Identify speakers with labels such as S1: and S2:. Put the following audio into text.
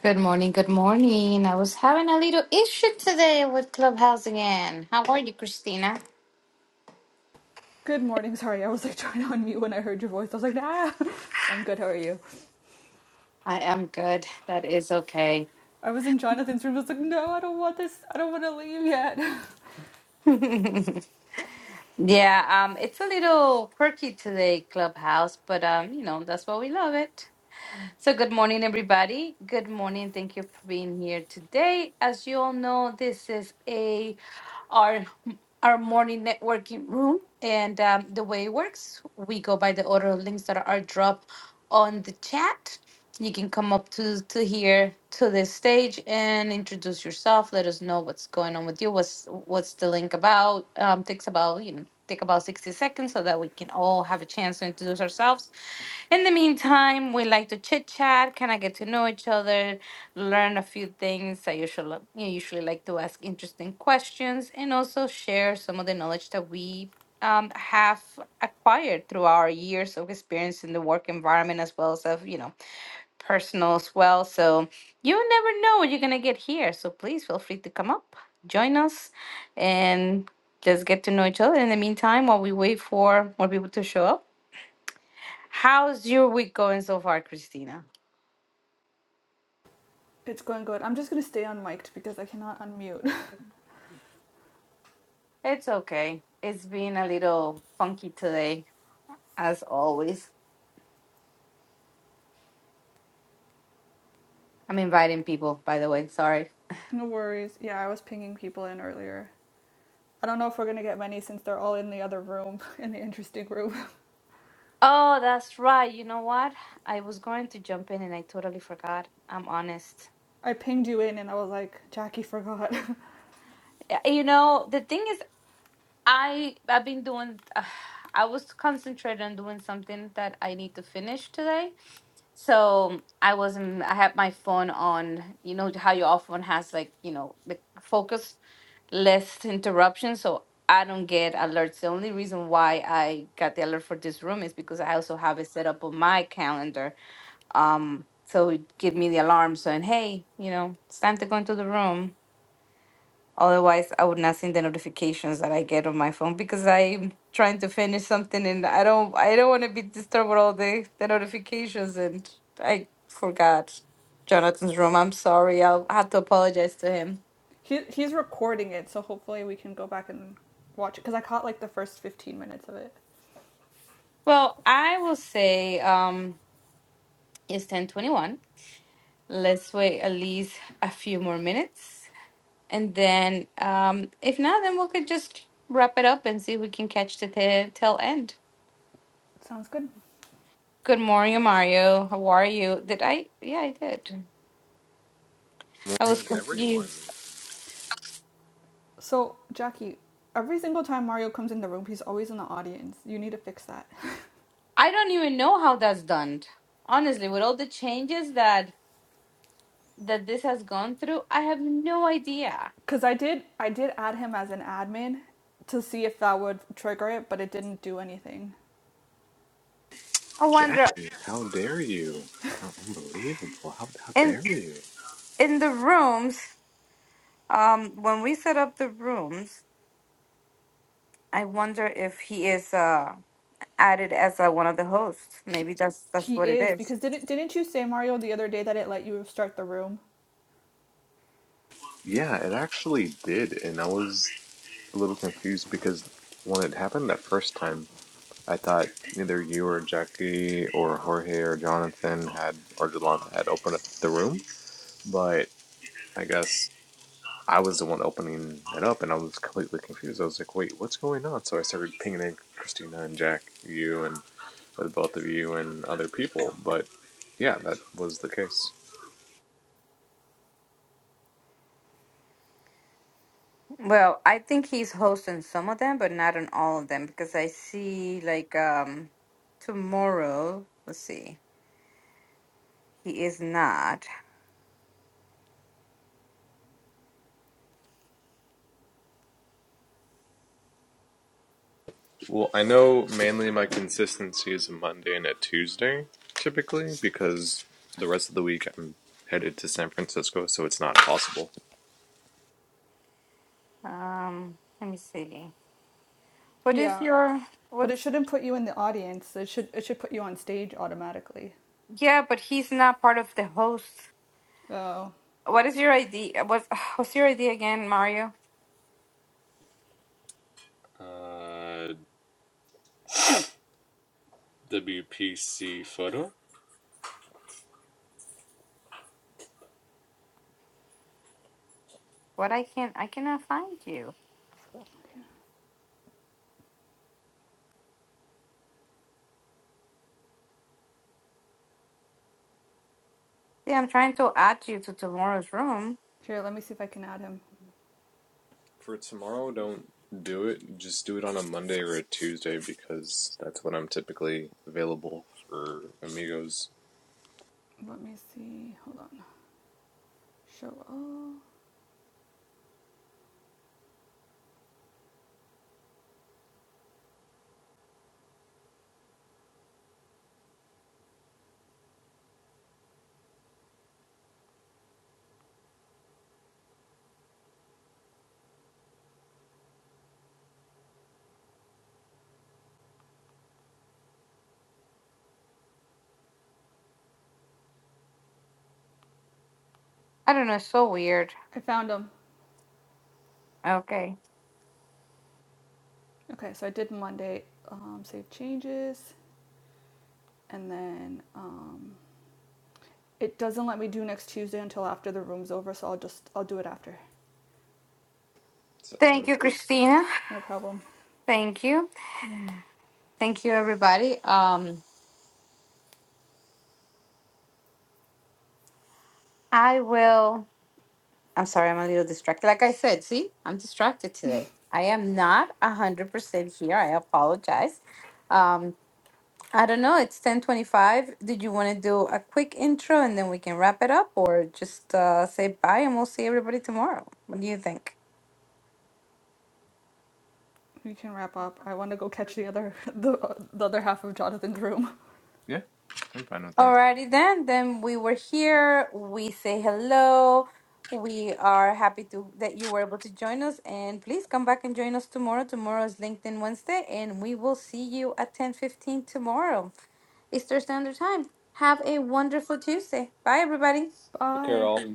S1: Good morning, good morning. I was having a little issue today with Clubhouse again. How are you, Christina?
S2: Good morning. Sorry, I was like trying to unmute when I heard your voice. I was like, nah, I'm good. How are you?
S1: I am good. That is okay.
S2: I was in Jonathan's room. I was like, no, I don't want this. I don't want to leave yet.
S1: yeah, um, it's a little quirky today, Clubhouse, but um, you know, that's why we love it. So, good morning, everybody. Good morning. Thank you for being here today. As you all know, this is a our our morning networking room, and um, the way it works, we go by the order of links that are dropped on the chat. You can come up to to here to this stage and introduce yourself. Let us know what's going on with you. What's what's the link about? Um, takes about you know take about sixty seconds so that we can all have a chance to introduce ourselves. In the meantime, we like to chit chat, kind of get to know each other, learn a few things. I usually you usually like to ask interesting questions and also share some of the knowledge that we um, have acquired through our years of experience in the work environment as well as of you know personal as well. So you never know what you're going to get here. So please feel free to come up, join us, and just get to know each other. In the meantime, while we wait for more people to show up, how's your week going so far, Christina?
S2: It's going good. I'm just going to stay unmiked because I cannot unmute.
S1: It's okay. It's been a little funky today, as always. I'm inviting people, by the way. Sorry.
S2: no worries. Yeah, I was pinging people in earlier. I don't know if we're going to get many since they're all in the other room, in the interesting room.
S1: Oh, that's right. You know what? I was going to jump in and I totally forgot. I'm honest.
S2: I pinged you in and I was like, Jackie forgot.
S1: Uh, You know, the thing is, I I've been doing. Uh, I was concentrated on doing something that I need to finish today, so I wasn't. I had my phone on. You know how your phone has like you know the focus less interruptions, so I don't get alerts. The only reason why I got the alert for this room is because I also have it set up on my calendar. Um, so it give me the alarm saying, "Hey, you know, it's time to go into the room." Otherwise, I would not see the notifications that I get on my phone because I'm trying to finish something and I don't I don't want to be disturbed with all the, the notifications and I forgot Jonathan's room. I'm sorry. I'll have to apologize to him.
S2: he, he's recording it, so hopefully we can go back and watch it because I caught like the first 15 minutes of it.
S1: Well, I will say um it's 10:21. Let's wait at least a few more minutes and then um if not then we could just wrap it up and see if we can catch the t- tail end.
S2: Sounds good.
S1: Good morning, Mario. How are you? Did I? Yeah, I did. I was
S3: Morning, everyone.
S1: confused.
S2: So, Jackie, every single time Mario comes in the room, he's always in the audience. You need to fix that.
S1: I don't even know how that's done. Honestly, with all the changes that that this has gone through, I have no idea.
S2: Cuz I did I did add him as an admin to see if that would trigger it, but it didn't do anything.
S1: I wonder
S3: Jackie, how dare you? How unbelievable. How, how
S1: in
S3: dare you?
S1: in the rooms, um, when we set up the rooms, I wonder if he is uh added as uh, one of the hosts. Maybe that's that's
S2: He
S1: what it
S2: is
S1: is.
S2: because didn't didn't you say Mario the other day that it let you start the room?
S3: Yeah, it actually did, and I was a little confused because when it happened that first time, I thought either you or Jackie or Jorge or Jonathan had or Delonte had opened up the room, but I guess I was the one opening it up, and I was completely confused. I was like, "Wait, what's going on?" So I started pinging in Christina and Jack, you, and. with both of you and other people, but yeah, that was the case.
S1: Well, I think he's hosting some of them, but not on all of them because I see like um tomorrow, let's see. He is not.
S3: Well, I know mainly my consistency is a Monday and a Tuesday typically because the rest of the week I'm headed to San Francisco, so it's not possible.
S1: Um let me see. What is
S2: Yeah,
S1: your
S2: but it
S1: what's
S2: shouldn't put you in the audience. It should it should put you on stage automatically.
S1: yeah, but he's not part of the host.
S2: Oh.
S1: What is your ID? What's what's your ID again, Mario?
S3: Uh, WPC photo?
S1: What I can't I cannot find you. Yeah, I'm trying to add you to tomorrow's room.
S2: Here, let me see if I can add him.
S3: For tomorrow, don't do it. Just do it on a Monday or a Tuesday because that's when I'm typically available for amigos.
S2: Let me see. Hold on. Show all.
S1: I don't know, it's so weird.
S2: I found him.
S1: Okay.
S2: Okay, so I did Monday. Um, save changes. and then um, it doesn't let me do next Tuesday until after the room's over, so I'll just I'll do it after.
S1: Thank
S3: Sounds
S1: you,
S3: good.
S1: Christina.
S2: No problem.
S1: Thank you. Thank you everybody. Um I will. I'm sorry, I'm a little distracted. Like I said, see, I'm distracted today. I am not a hundred percent here. I apologize. Um, I don't know. It's ten twenty-five. Did you want to do a quick intro and then we can wrap it up, or just uh, say bye and we'll see everybody tomorrow? What do you think?
S2: We can wrap up. I want to go catch the other the, the other half of Jonathan's room.
S3: Yeah, I'm fine with that.
S1: Alrighty then, then we were here. We say hello. We are happy to that you were able to join us, and please come back and join us tomorrow. Tomorrow is LinkedIn Wednesday, and we will see you at ten fifteen tomorrow, Eastern Standard Time. Have a wonderful Tuesday. Bye, everybody.
S3: Take care,
S2: Bye.
S3: all.